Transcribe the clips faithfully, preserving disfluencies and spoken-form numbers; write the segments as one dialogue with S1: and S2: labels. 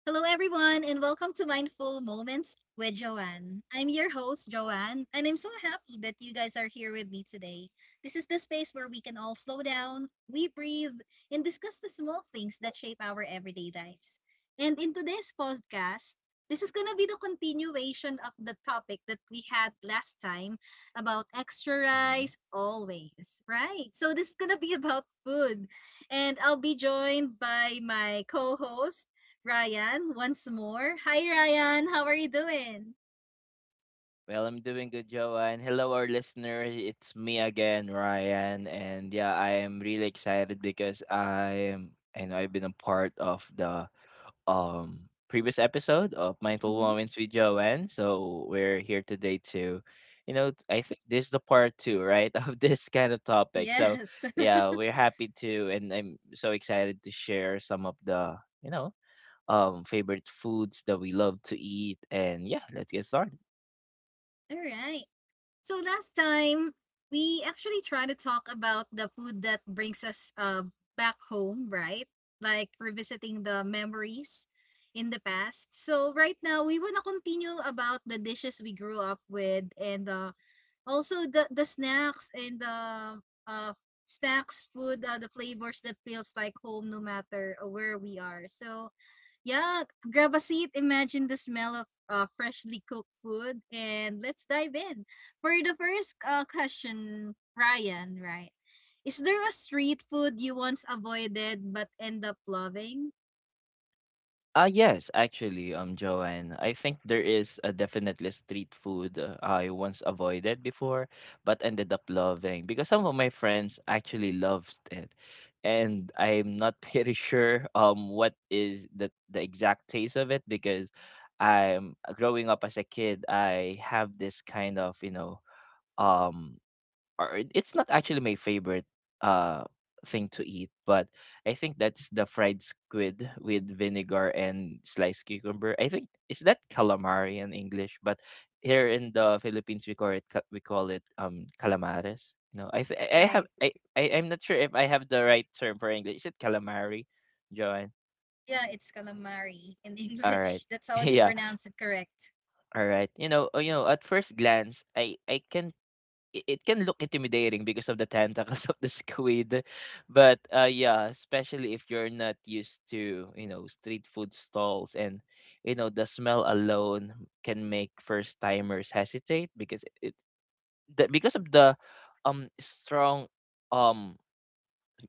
S1: Hello, everyone, and welcome to Mindful Moments with Joanne. I'm your host, Joanne, and I'm so happy that you guys are here with me today. This is the space where we can all slow down, we breathe, and discuss the small things that shape our everyday lives. And in today's podcast, this is going to be the continuation of the topic that we had last time about extra
S2: Mhm.
S1: rice always, right? So, this is going to be about food. And I'll be joined by my co host, Ryan once more. Hi, Ryan. How are you doing?
S2: Well, I'm doing good, Joanne. Hello, our listener. It's me again, Ryan. And yeah, I am really excited because I am, I know I've been a part of the um previous episode of Mindful
S1: Mhm.
S2: Moments with Joanne. So we're here today to, you know, I think this is the part two, right, of this kind of topic. So
S1: Yes.
S2: yeah, we're happy to, and I'm so excited to share some of the, you know, um favorite foods that we love to eat. And yeah, let's get started.
S1: All right. So last time, we actually try to talk about the food that brings us uh, back home, right? Like revisiting the memories in the past. So right now, we want to continue about the dishes we grew up with and uh, also the the snacks and the, uh, snacks, food, uh, the flavors that feels like home no matter uh, where we are. So, yeah, grab a seat, imagine the smell of uh, freshly cooked food, and let's dive in. For the first uh, question, Ryan, right? Is there a street food you once avoided but end up loving?
S2: Ah, yes, actually, um, Joanne, I think there is a definitely street food uh, I once avoided before, but ended up loving because some of my friends actually loves it, and I'm not pretty sure um what is the the exact taste of it because I'm growing up as a kid, I have this kind of you know um or it- it's not actually my favorite uh thing to eat, but I think that's the fried squid with vinegar and sliced cucumber. I think is that calamari in English, but here in the Philippines we call it ca- we call it um calamares. No, I th- I I have
S1: Right.
S2: I, I I'm not sure if I have the right term for English. Is it calamari, Joanne?
S1: Yeah, it's calamari in
S2: All right,
S1: English. That's how they
S2: yeah,
S1: pronounce it, correct?
S2: all right. You know, uh, you know, at first glance, I I can it it can look intimidating because of the tentacles of the squid, but uh yeah, especially if you're not used to, you know, street food stalls, and you know the smell alone can make first timers hesitate because it the, because of the um strong um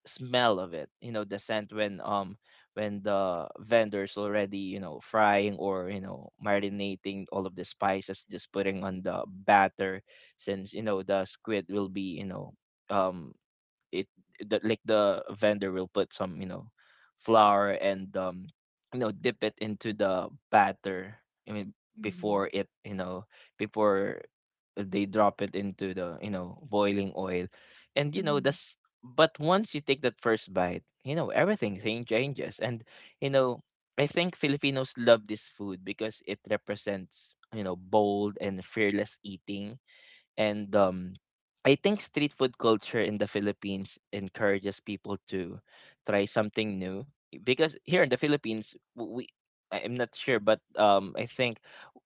S2: smell of it. You know the scent when um when the vendors already, you know, frying or, you know, marinating all of the spices, just putting on the batter, since you know the squid will be, you know um it the, like, the vendor will put some, you know, flour and um you know, dip it into the batter I mean
S1: Mm-hmm.
S2: before it you know before they drop it into the, you know, boiling oil. And you know
S1: Mm-hmm.
S2: that's but once you take that first bite, you know everything thing changes. And you know, I think Filipinos love this food because it represents, you know, bold and fearless eating. And um, I think street food culture in the Philippines encourages people to try something new, because here in the Philippines, w- we I- I'm not sure, but um, I think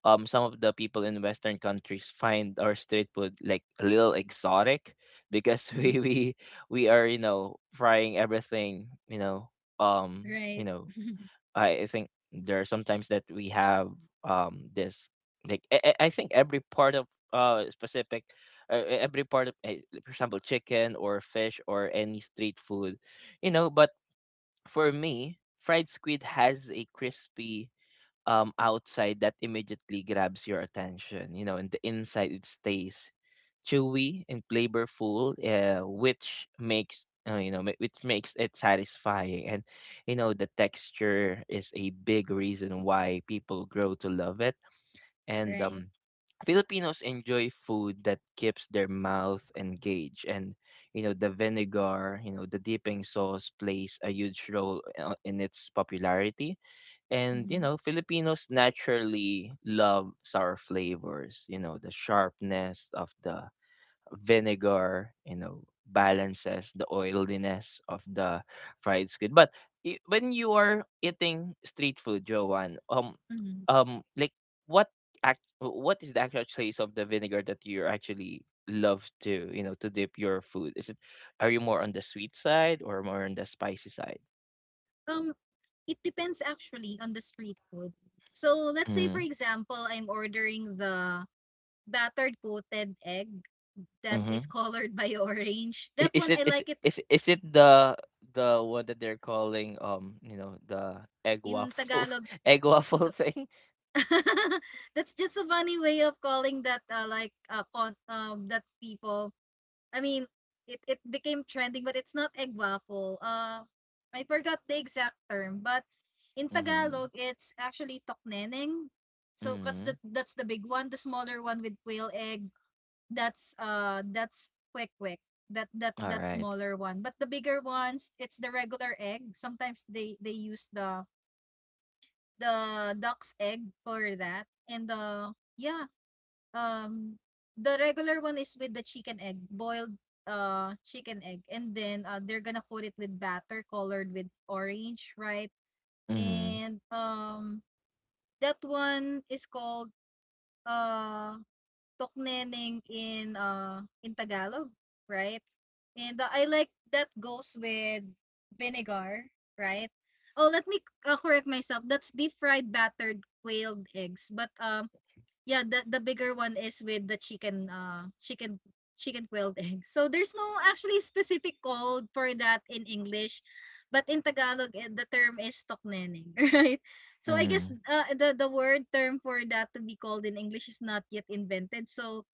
S2: um, some of the people in Western countries find our street food like a little exotic because we we we are, you know, frying everything, you know um
S1: Right.
S2: you know I think there are sometimes that we have um this like I, I I think every part of uh specific uh, e- every part of eh, like, for example, chicken or fish or any street food, you know. But for me, fried squid has a crispy um outside that immediately grabs your attention, you know, and the inside it stays chewy and flavorful, uh, which makes, uh, you know ma- which makes it satisfying. And you know the texture is a big reason why people grow to love it. And
S1: Right.
S2: um, Filipinos enjoy food that keeps their mouth engaged. And you know the vinegar, you know the dipping sauce plays a huge role uh, in its popularity. And you
S1: Mhm,
S2: know Filipinos naturally love sour flavors. You know the sharpness of the vinegar, you know, balances the oiliness of the fried squid. But i- when you are eating street food, Joanne, um,
S1: mhm.
S2: um, like, what act, what is the actual taste of the vinegar that you actually love to, you know, to dip your food? Is it, are you more on the sweet side or more on the spicy side?
S1: Um, it depends actually on the street food. So let's say for
S2: Mm,
S1: example, I'm ordering the battered coated egg that
S2: mm-hmm.
S1: is colored by orange. That
S2: Is
S1: one
S2: it,
S1: I
S2: is it?
S1: like it
S2: Is it- is it the the one that they're calling, um you know the egg
S1: in
S2: waffle,
S1: Tagalog.
S2: egg waffle thing?
S1: That's just a funny way of calling that uh, like uh, con- um that people I mean, it, it became trending, but it's not egg waffle. Uh, I forgot the exact term, but in
S2: Mm-hmm.
S1: Tagalog, it's actually tokneneng. So, cause
S2: Mhm.
S1: that that's the big one. The smaller one with quail egg, that's uh, that's kwek kwek. That that that
S2: Alright.
S1: smaller one. But the bigger ones, it's the regular egg. Sometimes they they use the the duck's egg for that, and the yeah, um, the regular one is with the chicken egg, boiled uh chicken egg, and then uh, they're gonna coat it with batter colored with orange, right?
S2: Mhm.
S1: And um, that one is called uh tokneneng in uh in Tagalog, right? And uh, I like that goes with vinegar, right? Oh, let me uh, correct myself. That's deep fried battered quailed eggs, but um yeah, the the bigger one is with the chicken uh chicken chicken quilled egg. So there's no actually specific call for that in English, but in Tagalog eh, the term is tokneneng, right? So I guess
S2: Mhm.
S1: uh, the the word term for that to be called in English is not yet invented. So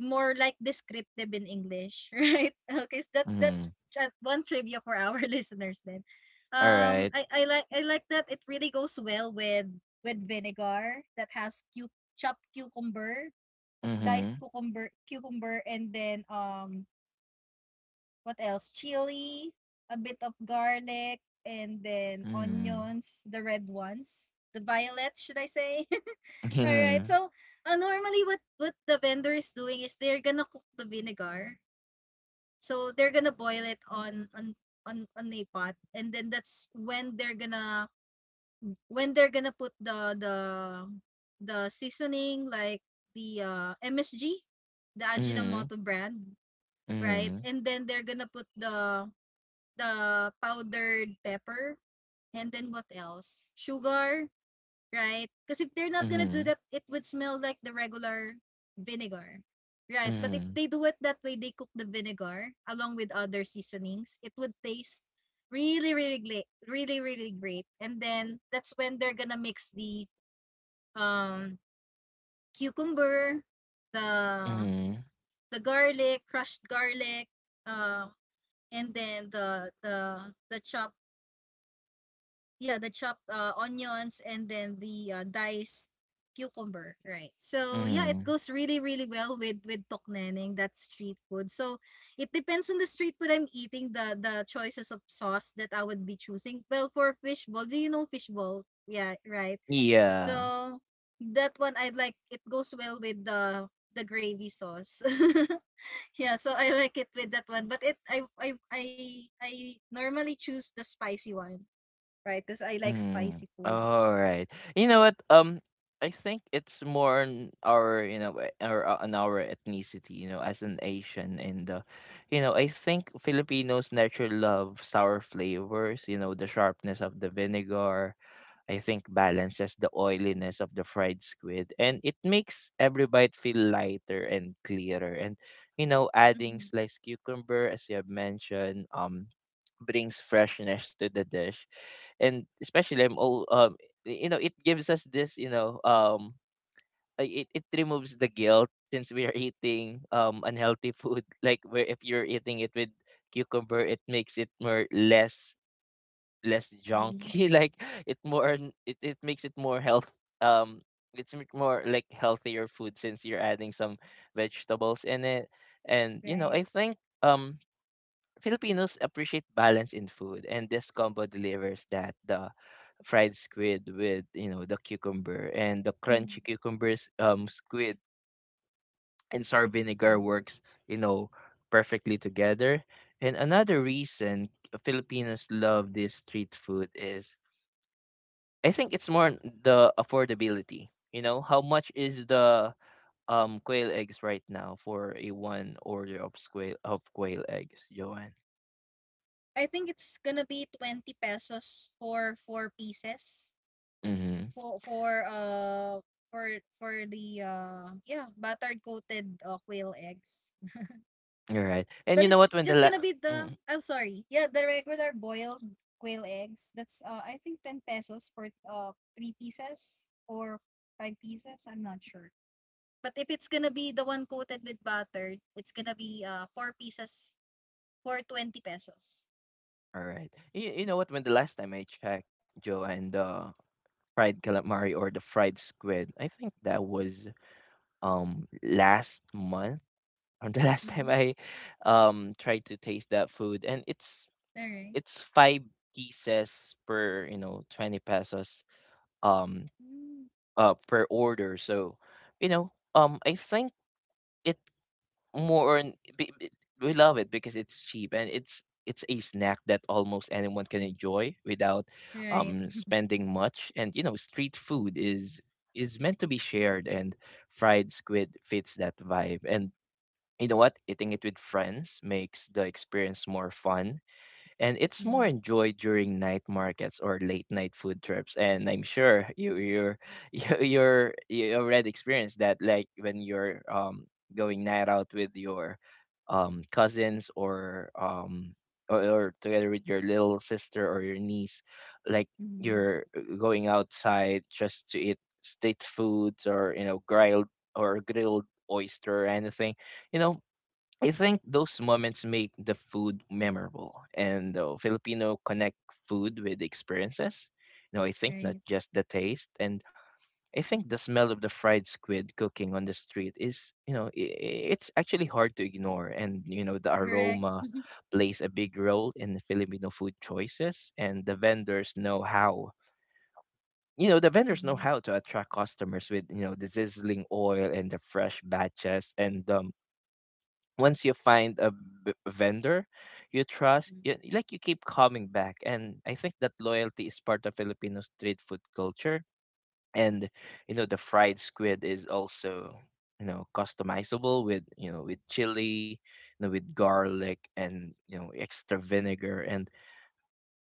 S1: more like descriptive in English, right? Okay, so that that's
S2: Mhm.
S1: uh, one trivia for our listeners then. Um,
S2: Alright.
S1: I, I like I like that it really goes well with with vinegar that has cu- chopped cucumber, diced
S2: Mhm.
S1: cucumber, cucumber, and then um, what else? Chili, a bit of garlic, and then
S2: Mhm.
S1: onions, the red ones, the violet, should I say? All right,
S2: Mhm.
S1: so uh, normally what what the vendor is doing is they're gonna cook the vinegar. So they're gonna boil it on on on on a pot, and then that's when they're gonna when they're gonna put the the the seasoning like the uh, M S G, the
S2: Mhm.
S1: Ajinomoto brand, right?
S2: Mhm.
S1: And then they're gonna put the the powdered pepper, and then what else? Sugar, right? Because if they're not gonna do
S2: Mhm.
S1: that, it would smell like the regular vinegar, right? But if
S2: Mhm.
S1: they do it that way, they cook the vinegar along with other seasonings, it would taste really, really great, really, really great. And then that's when they're gonna mix the um cucumber, the
S2: Mhm.
S1: the garlic, crushed garlic, um, and then the the the chopped yeah, the chopped uh, onions and then the uh, diced cucumber, right? So yeah, it
S2: Mhm.
S1: goes really really well with with tokneneng, that street food. So it depends on the street food I'm eating, the the choices of sauce that I would be choosing. Well, for fishball, do you know fishball? Yeah, right.
S2: Yeah.
S1: So that one I like. It goes well with the the gravy sauce. yeah, so I like it with that one. But it I I I I normally choose the spicy one. Right, because I like spicy
S2: Mhm.
S1: food.
S2: Alright. You know what? Um I think it's more on our, you know, eh, or uh, on our ethnicity, you know, as an Asian. And uh, you know, I think Filipinos naturally love sour flavors, you know, the sharpness of the vinegar, I think, balances the oiliness of the fried squid, and it makes every bite feel lighter and clearer. And you know, adding
S1: Mhm.
S2: sliced cucumber, as you have mentioned, um brings freshness to the dish. And especially I'm all um y- you know, it gives us this, you know, um uh, it, it removes the guilt since we are eating um unhealthy food. Like, where if you're eating it with cucumber, it makes it more less less
S1: Mhm.
S2: junky, like, it more n- it, it makes it more health um it's m- more like healthier food, since you're adding some vegetables in it. And you know,
S1: Right.
S2: I think um Filipinos appreciate balance in food, and this combo delivers that. The fried squid with, you know, the cucumber and the
S1: Mhm.
S2: crunchy cucumbers, um squid and sour vinegar
S1: Mm.
S2: works, you know, perfectly together. And another reason Filipinos love this street food is, I think it's more on the affordability. You know, how much is the um quail eggs right now for a one order of quail of quail eggs, Joanne?
S1: I think it's gonna be twenty pesos for four pieces
S2: Mm-hmm.
S1: for for uh for for the uh yeah buttered coated uh, quail eggs.
S2: You're right. And
S1: But
S2: you know
S1: it's
S2: what? When the
S1: just gonna
S2: la-
S1: be the
S2: mm,
S1: I'm sorry. Yeah, the regular boiled quail eggs. That's uh I think ten pesos for uh three pieces or five pieces. I'm not sure. But if it's gonna be the one coated with butter, it's gonna be uh, four pieces for twenty pesos.
S2: all right, you, you know what? When the last time I checked, Joanne, the fried calamari or the fried squid, I think that was um last month or the last time
S1: Mm-hmm.
S2: I um tried to taste that food, and it's
S1: All right.
S2: it's five pieces per, you know, twenty pesos um
S1: Mm.
S2: uh per order. So you know um I think it more on- be- be- we love it because it's cheap, and it's it's a snack that almost anyone can enjoy without
S1: Right.
S2: um spending much. And you know street food is is meant to be shared, and fried squid fits that vibe. And you know what, eating it with friends makes the experience more fun, and it's more
S1: Mm-hmm.
S2: enjoyed during night markets or late night food trips. And I'm sure you, you're you, you're, you already experienced that, like when you're um going night out with your um cousins or um or, or together with your little sister or your niece, like
S1: Mm-hmm.
S2: you're uh, going outside just to eat street foods, or you know, grilled or grilled oyster or anything, you know. I think those moments make the food memorable, and the Filipino connect food with experiences. You know, I think not
S1: Right.
S2: just the taste, and I think the smell of the fried squid cooking on the street is, you know, i i- it's actually hard to ignore. And you know, the
S1: Correct.
S2: aroma plays a big role in the Filipino food choices, and the vendors know how. You know, the vendors know
S1: Mm-hmm.
S2: how to attract customers with, you know, the sizzling oil and the fresh batches. And um, once you find a b- vendor you trust, you, like, you keep coming back, and I think that loyalty is part of Filipino street food culture. And you know the fried squid is also, you know, customizable with, you know, with chili, you know, with garlic, and you know, extra vinegar. And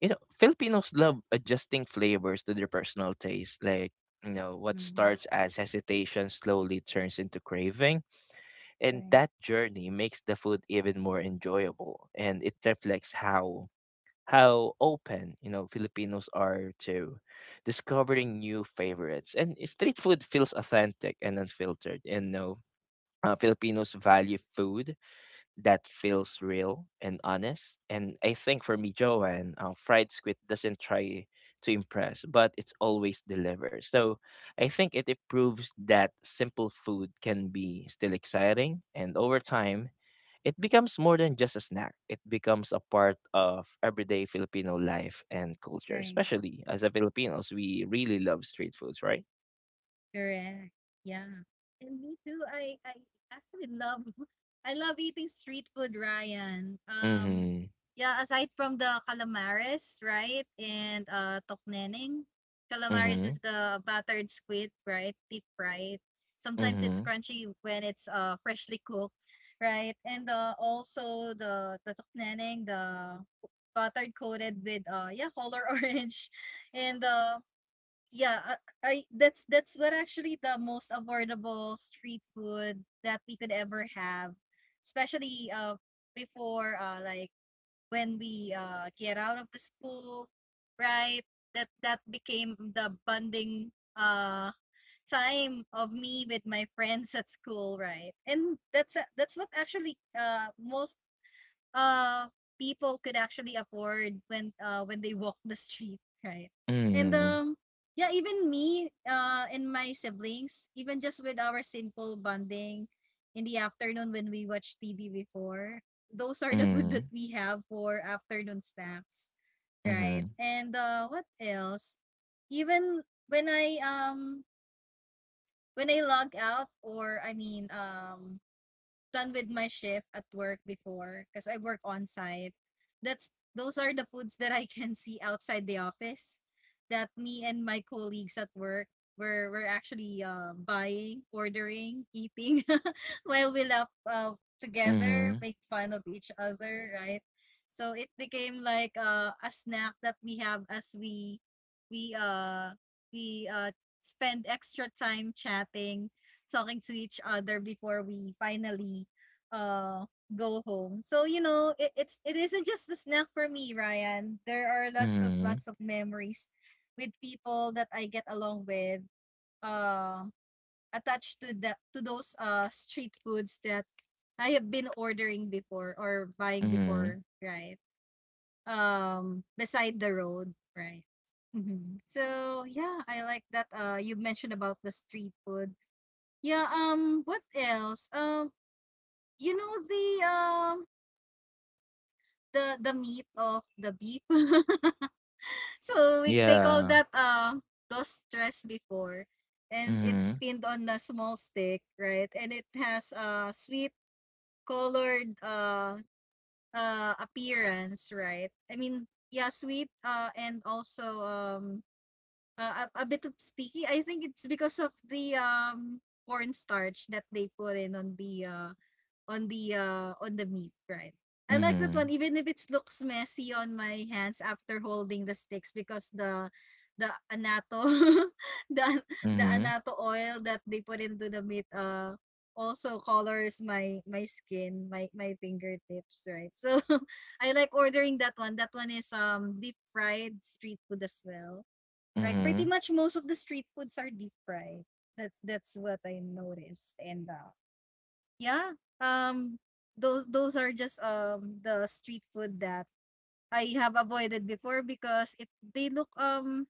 S2: you know Filipinos love adjusting flavors to their personal taste, like, you know what,
S1: Mm-hmm.
S2: starts as hesitation slowly turns into craving. And
S1: Right.
S2: that journey makes the food even more enjoyable, and it reflects how how open, you know, Filipinos are to discovering new favorites. And street food feels authentic and unfiltered. And no uh, Filipinos value food that feels real and honest. And I think for me, Joanne, uh, fried squid doesn't try to impress, but it's always delivers. So I think it proves that simple food can be still exciting. And over time, it becomes more than just a snack. It becomes a part of everyday Filipino life and culture.
S1: Right.
S2: Especially as a Filipinos, we really love street foods, right?
S1: Correct. Yeah. And me too. I I actually love I love eating street food, Ryan. Um
S2: Mm-hmm.
S1: yeah, aside from the calamaris, right? And uh tokneneng. Calamaris is
S2: Mm-hmm.
S1: the battered squid, right? Deep fried. Sometimes it's
S2: Mm-hmm.
S1: crunchy when it's uh freshly cooked, right? And uh also the the tokneneng, the buttered coated with uh yeah, color orange. And uh yeah, I, I that's that's what actually the most affordable street food that we could ever have, especially uh before uh like when we uh get out of the school, right? That that became the bonding uh time of me with my friends at school, right? And that's that's what actually uh most uh people could actually afford when uh when they walk the street, right? And
S2: Mm-hmm.
S1: um yeah, even me uh and my siblings, even just with our simple bonding in the afternoon when we watch T V before, those are the food
S2: Mm-hmm.
S1: that we have for afternoon snacks, right? And uh what else? Even when I um when I log out or I mean um done with my shift at work before because I work on site. That's those are the foods that I can see outside the office that me and my colleagues at work were were actually uh, buying, ordering, eating while we laugh uh, together,
S2: Mm-hmm.
S1: make fun of each other, right? So it became like uh, a snack that we have as we we uh we uh spend extra time chatting talking to each other before we finally uh go home. So you know, it, it's it isn't just the snack for me, Ryan. There are lots of
S2: Mm-hmm.
S1: lots of memories with people that I get along with, uh, attached to the to those uh street foods that I have been ordering before or buying
S2: Mhm.
S1: before, right? Um, beside the road, right? Hmm. So yeah, I like that. Uh, you mentioned about the street food. Yeah, um, what else? Um, you know the um the the meat of the beef. so we they call
S2: Yeah.
S1: that uh dos tres before and it's
S2: Mhm.
S1: pinned on a small stick, right? And it has a sweet colored uh uh appearance, right? I mean, yeah, sweet uh and also um uh, a, a bit of sticky. I think it's because of the um cornstarch that they put in on the uh on the uh on the meat, right? I like that one,
S2: Mhm.
S1: even if it looks messy on my hands after holding the sticks because the the anato the the
S2: Mhm.
S1: anato oil that they put into the meat uh also colors my my skin my my fingertips, right? So I like ordering that one. That one is um deep fried street food as well, right? Pretty
S2: Mhm.
S1: much most of the street foods are deep fried. That's that's what I noticed. And uh yeah. Um those those are just um the street food that I have avoided before because it they look um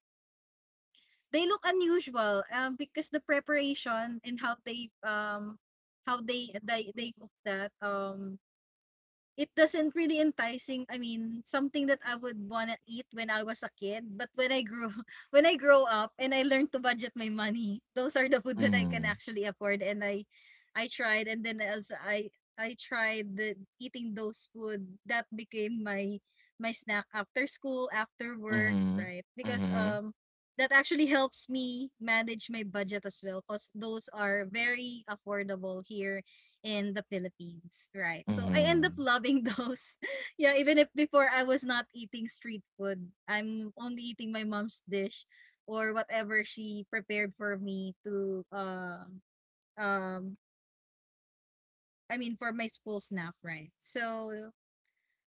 S1: they look unusual um because the preparation and how they um how they they, they cook that. um it doesn't really enticing. I mean, something that I would wanna eat when I was a kid, but when I grew when I grow up and I learned to budget my money, those are the food that I can
S2: Mhm.
S1: actually afford and I I tried and then as I I tried the, eating those food that became my my snack after school, after work,
S2: Mhm.
S1: right? Because
S2: Mhm.
S1: um that actually helps me manage my budget as well because those are very affordable here in the Philippines, right? So I end up
S2: Mhm.
S1: loving those. yeah, even if before I was not eating street food, I'm only eating my mom's dish or whatever she prepared for me to uh, um I mean for my school snack, right? So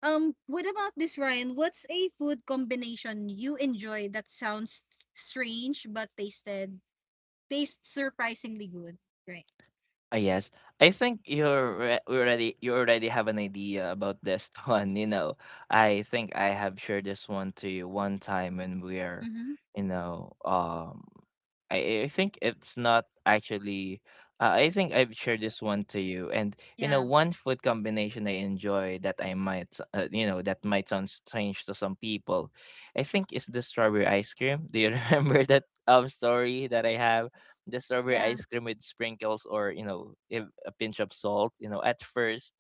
S1: um what about this, Ryan? What's a food combination you enjoy that sounds strange but tasted tastes surprisingly good, right?
S2: Ah, yes. I think you're re- already you already have an idea about this one. You know, I think I have shared this one to you one time when we're,
S1: Mhm.
S2: you know, um, I, I think it's not actually. Uh, I think I've shared this one to you, and you know,
S1: Yeah.
S2: one food combination I enjoy that I might, s- uh, you know, that might sound strange to some people. I think is the strawberry ice cream. Do you remember that um story that I have? The strawberry
S1: Yeah.
S2: ice cream with sprinkles, or, you know, if a pinch of salt, you know, at first,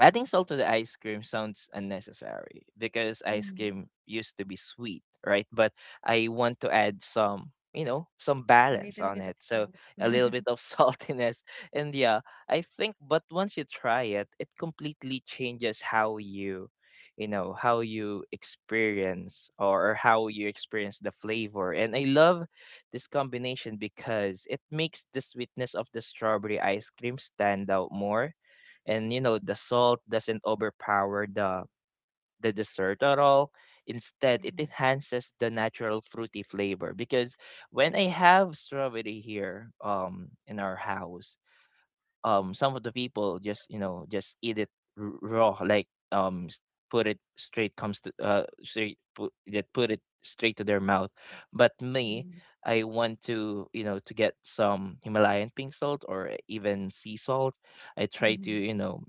S2: adding salt to the ice cream sounds unnecessary because ice
S1: Mhm.
S2: cream used to be sweet, right? But I want to add some, you know, some
S1: A
S2: balance
S1: little
S2: on
S1: bit of
S2: it. So
S1: salt.
S2: a little bit of saltiness. And yeah, I think but once you try it, it completely changes how you you know how you experience or how you experience the flavor. And I love this combination because it makes the sweetness of the strawberry ice cream stand out more. And you know the salt doesn't overpower the the dessert at all. Instead it
S1: Mhm,
S2: enhances the natural fruity flavor. Because when I have strawberry here um in our house, um some of the people just, you know, just eat it r- raw, like um s- put it straight comes to uh straight put, that put it straight to their mouth. But me,
S1: mhm,
S2: I want to, you know, to get some Himalayan pink salt or even sea salt. I try to,
S1: mhm.
S2: you know,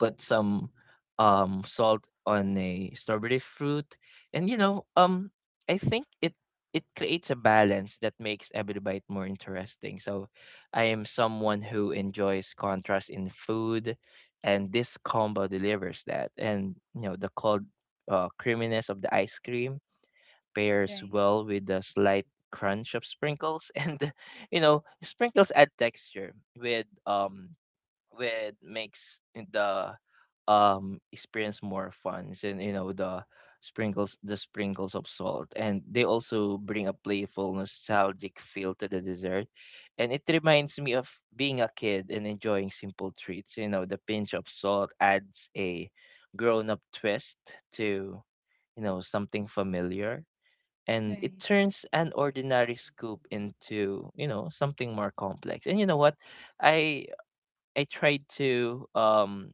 S2: put some um salt on a strawberry fruit. And you know, um I think it, it creates a balance that makes every bite more interesting. So I am someone who enjoys contrast in food, and this combo delivers that. And you know the cold uh, creaminess of the ice cream pairs
S1: Right,
S2: well with the slight crunch of sprinkles and you know sprinkles add texture with um with makes the um experience more fun. And you know the sprinkles the sprinkles of salt, and they also bring a playful nostalgic feel to the dessert. And it reminds me of being a kid and enjoying simple treats. You know the pinch of salt adds a grown-up twist to, you know, something familiar. And it
S1: right.
S2: turns an ordinary scoop into, you know, something more complex. And you know what, i I tried to um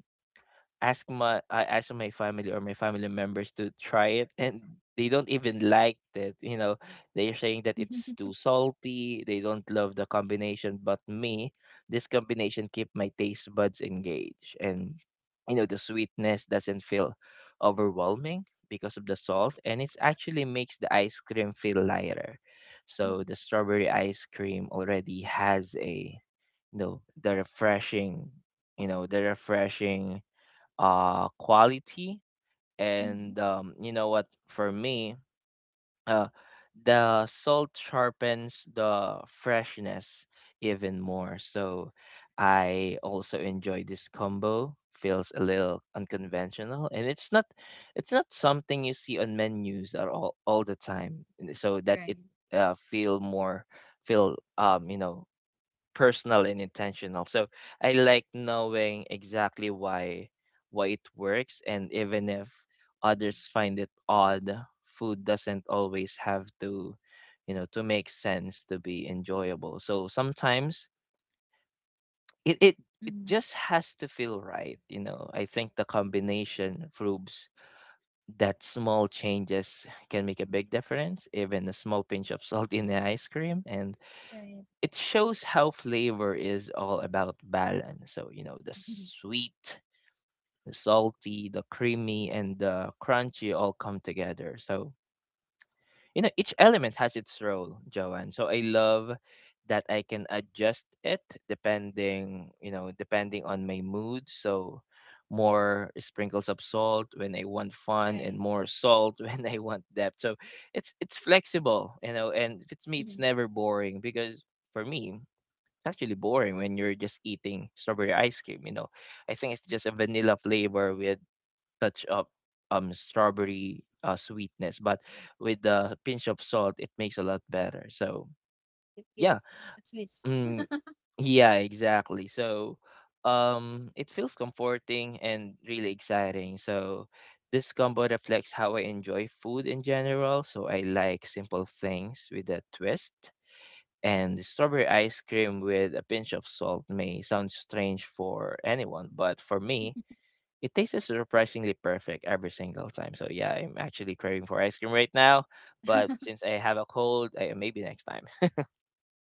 S2: ask my I ask my family or my family members to try it, and they don't even like it. You know, they're saying that it's too salty, they don't love the combination, but me, this combination keep my taste buds engaged. And you know the sweetness doesn't feel overwhelming because of the salt, and it actually makes the ice cream feel lighter. So
S1: Mhm,
S2: the strawberry ice cream already has a, you know, the refreshing, you know the refreshing uh quality.
S1: mhm,
S2: And um you know what, for me, uh the salt sharpens the freshness even more. So I also enjoy this combo feels a little unconventional, and it's not it's not something you see on menus at all all the time, and so that it
S1: right,
S2: uh, feel more feel um you know personal and intentional. So I like knowing exactly why why it works. And even if others find it odd, food doesn't always have to, you know, to make sense to be enjoyable. So sometimes it it it
S1: mhm,
S2: just has to feel right, you know. I think the combination proves that small changes can make a big difference, even a small pinch of salt in the ice cream. And
S1: right.
S2: it shows how flavor is all about balance. So, you know, the sweet, the salty, the creamy, and the crunchy all come together. So, you know, each element has its role, Joanne. So I love that I can adjust it depending, you know, depending on my mood. So more sprinkles of salt when I want fun and
S1: Right.
S2: more salt when I want depth. So it's it's flexible, you know, and if it's me it's
S1: Mhm.
S2: never boring. Because for me it's actually boring when you're just eating strawberry ice cream, you know. I think it's just a vanilla flavor with touch of um strawberry uh, sweetness, but with the pinch of salt, it makes a lot better. So
S1: It
S2: yeah,
S1: gives a twist.
S2: mm, yeah, exactly. So um, it feels comforting and really exciting. So this combo reflects how I enjoy food in general. So I like simple things with a twist, and the strawberry ice cream with a pinch of salt may sound strange for anyone, but for me, it tastes surprisingly perfect every single time. So yeah, I'm actually craving for ice cream right now. But since I have a cold, I, maybe next time.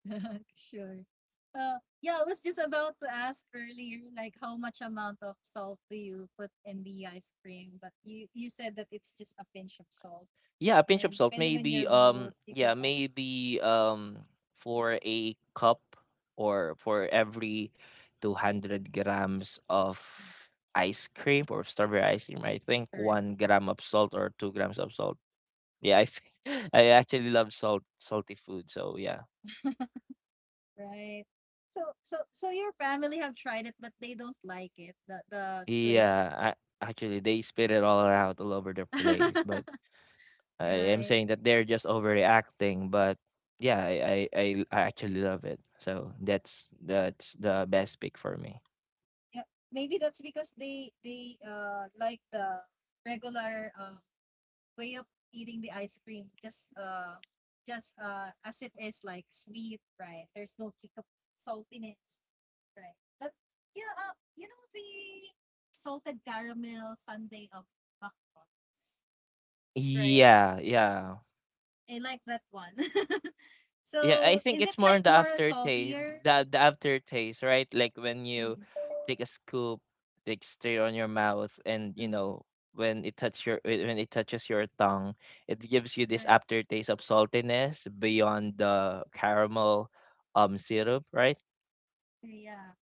S1: Sure. Uh, yeah, I was just about to ask earlier, like how much amount of salt do you put in the ice cream? But you you said that it's just a pinch of salt,
S2: Yeah, a pinch
S1: and
S2: of salt,
S1: depending on
S2: maybe.
S1: your
S2: Um,
S1: mood, you
S2: yeah,
S1: can add.
S2: maybe. Um, for a cup or for every two hundred grams of ice cream or strawberry ice cream, I think
S1: Correct.
S2: one gram of salt or two grams of salt. Yeah, I think I actually love salt salty food. So yeah,
S1: Right. So so so your family have tried it, but they don't like it. The the twist.
S2: yeah. I, actually, they spit it all out all over the place. But I am
S1: Right.
S2: saying that they're just overreacting. But yeah, I I, I I actually love it. So that's that's the best pick for me.
S1: Yeah, maybe that's because they they uh like the regular uh, way of eating the ice cream, just uh just uh as it is, like sweet, right? There's no kick of saltiness, right? But yeah, uh, you know, the salted caramel sundae of McDonald's, right?
S2: Yeah, yeah.
S1: I like that one.
S2: Yeah, I
S1: So
S2: think
S1: is it
S2: it's more
S1: like
S2: on the
S1: more
S2: aftertaste,
S1: saltier?
S2: the the aftertaste, right? Like when you
S1: Mm-hmm.
S2: take a scoop, like straight on your mouth, and you
S1: Mm-hmm.
S2: know when it touch your when when it touches your tongue, it gives you this
S1: Right.
S2: aftertaste of saltiness beyond the caramel um syrup, right?
S1: Yeah.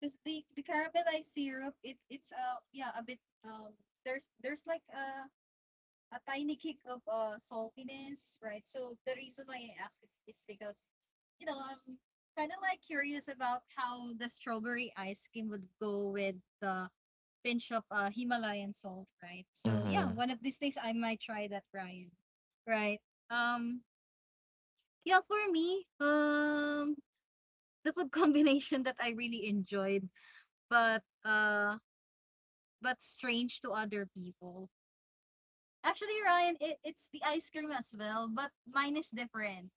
S1: Because the, the caramelized syrup, it it's uh yeah a bit um there's there's like a a tiny kick of uh saltiness, right? So the reason why I ask is, is because you know I'm kind of like curious about how the strawberry ice cream would go with the pinch of uh Himalayan salt, right? So yeah,
S2: Mm-hmm.
S1: one of these days I might try that, Brian. Right. Um yeah, for me, um the food combination that I really enjoyed, but uh but strange to other people. Actually, Ryan, it, it's the ice cream as well, but mine is different.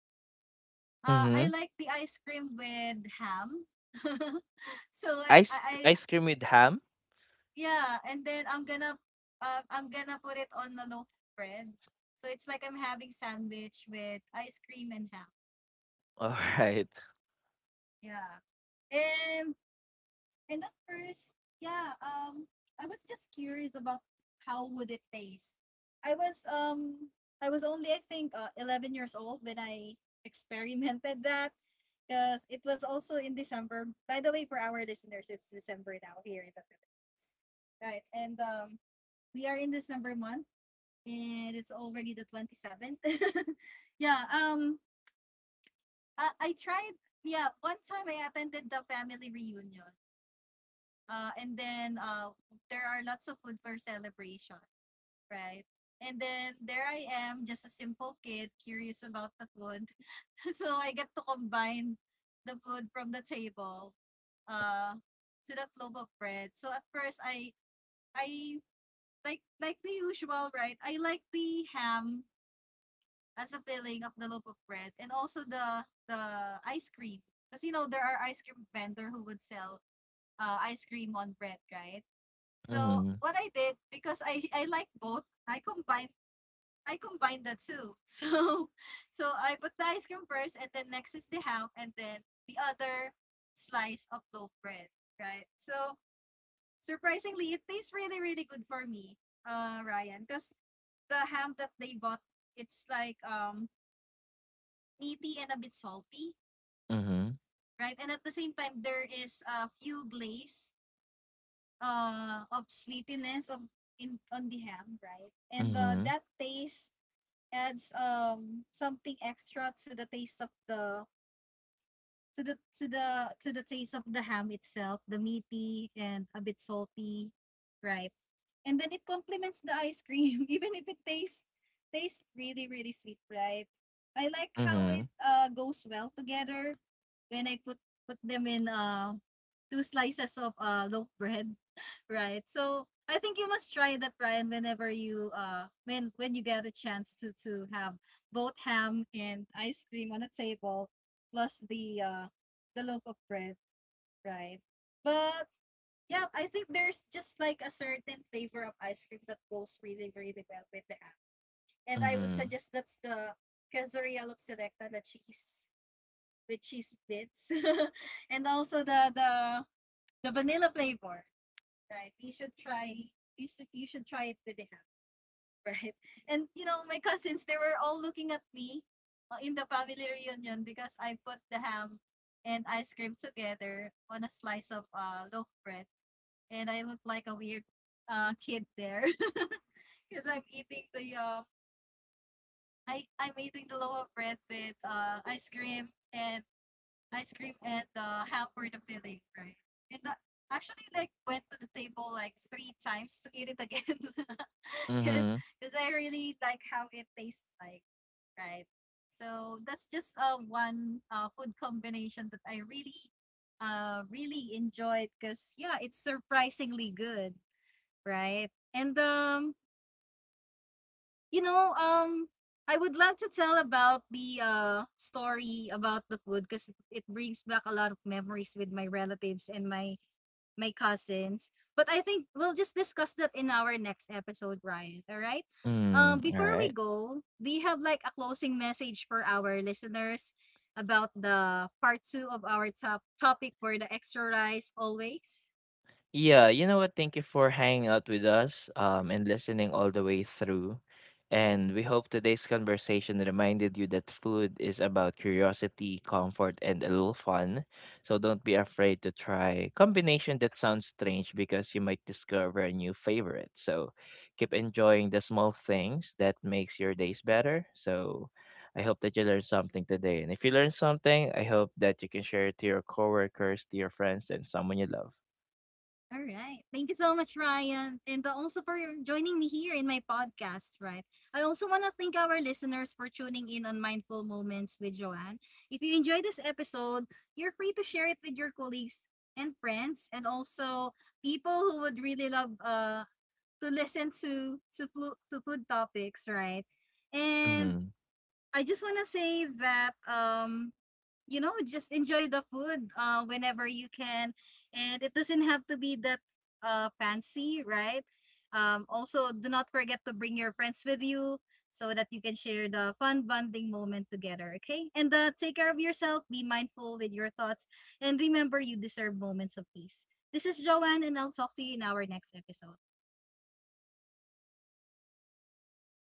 S1: Uh, I
S2: Mm-hmm.
S1: like the ice cream with ham. so I, I,
S2: Ice
S1: I,
S2: ice cream with ham.
S1: yeah, and then I'm gonna, uh, I'm gonna put it on the local bread. So it's like I'm having sandwich with ice cream and ham.
S2: All right.
S1: Yeah. And And at first, yeah, um, I was just curious about how would it taste. I was um I was only I think uh, eleven years old when I experimented that because it was also in December. By the way, for our listeners, it's December now here in the Philippines, right? And um, we are in December month, and it's already the twenty-seventh. Yeah. Um. I, I tried. Yeah. One time I attended the family reunion, uh, and then uh, there are lots of food for celebration, right? And then there I am, just a simple kid, curious about the food. So I get to combine the food from the table uh, to that loaf of bread. So at first, I I like like the usual, right? I like the ham as a filling of the loaf of bread, and also the the ice cream, because you know there are ice cream vendor who would sell uh, ice cream on bread, right? So
S2: Mm-hmm.
S1: what I did, because I I like both, I combined I combined the two. So so I put the ice cream first, and then next is the ham, and then the other slice of loaf bread, right? So surprisingly, it tastes really really good for me, uh, Ryan, because the ham that they bought, it's like um meaty and a bit salty,
S2: Mm-hmm.
S1: right? And at the same time, there is a few glaze uh, of sweetness of in on the ham, right? And uh,
S2: Mm-hmm.
S1: that taste adds um something extra to the taste of the to the to the to the taste of the ham itself, the meaty and a bit salty, right? And then it complements the ice cream, even if it tastes tastes really really sweet, right? I like how
S2: Mm-hmm.
S1: it uh goes well together when I put put them in uh two slices of uh loaf bread. Right. So I think you must try that, Ryan, whenever you uh when when you get a chance to to have both ham and ice cream on a table plus the uh the loaf of bread, right? But yeah, I think there's just like a certain flavor of ice cream that goes really, really well with the ham. And I would
S2: Mm-hmm.
S1: suggest that's the Quesadilla of Selecta, the cheese with cheese bits. And also the the the vanilla flavor, right? You should try. You should, you should try it with the ham, right? And you know, my cousins, they were all looking at me uh, in the family reunion because I put the ham and ice cream together on a slice of uh, loaf bread, and I look like a weird uh, kid there because I'm eating the uh, I I'm eating the loaf bread with uh, ice cream and ice cream and uh, ham for the filling, right? And uh, actually, like, went to the table like three times to eat it again, because
S2: Mm-hmm.
S1: because I really like how it tastes like, right? So that's just uh, one uh, food combination that I really, uh, really enjoyed because yeah, it's surprisingly good, right? And um, you know, um, I would love to tell about the uh story about the food because it brings back a lot of memories with my relatives and my my cousins. But I think we'll just discuss that in our next episode, Ryan. All right. Um,
S2: Mm-hmm. All
S1: before we
S2: right.
S1: go, do you have like a closing message for our listeners about the part two of our top topic for the extra rice always?
S2: Yeah, you know what? Thank you for hanging out with us um, and listening all the way through. And we hope today's conversation reminded you that food is about curiosity, comfort, and a little fun. So don't be afraid to try combination that sounds strange, because you might discover a new favorite. So keep enjoying the small things that makes your days better. So I hope that you learned something today. And if you learned something, I hope that you can share it to your coworkers, to your friends, and someone you love.
S1: All right. Thank you so much, Ryan, and uh, also for joining me here in my podcast, right? I also want to thank our listeners for tuning in on Mindful Moments with Joanne. If you enjoy this episode, you're free to share it with your colleagues and friends, and also people who would really love uh, to listen to, to, flu- to food topics, right? And
S2: Mhm.
S1: I just want to say that um, you know, just enjoy the food uh, whenever you can, and it doesn't have to be that uh, fancy, right? um, also do not forget to bring your friends with you so that you can share the fun bonding moment together. Okay, and uh, take care of yourself, be mindful with your thoughts, and remember, you deserve moments of peace. This is Joanne, and I'll talk to you in our next episode.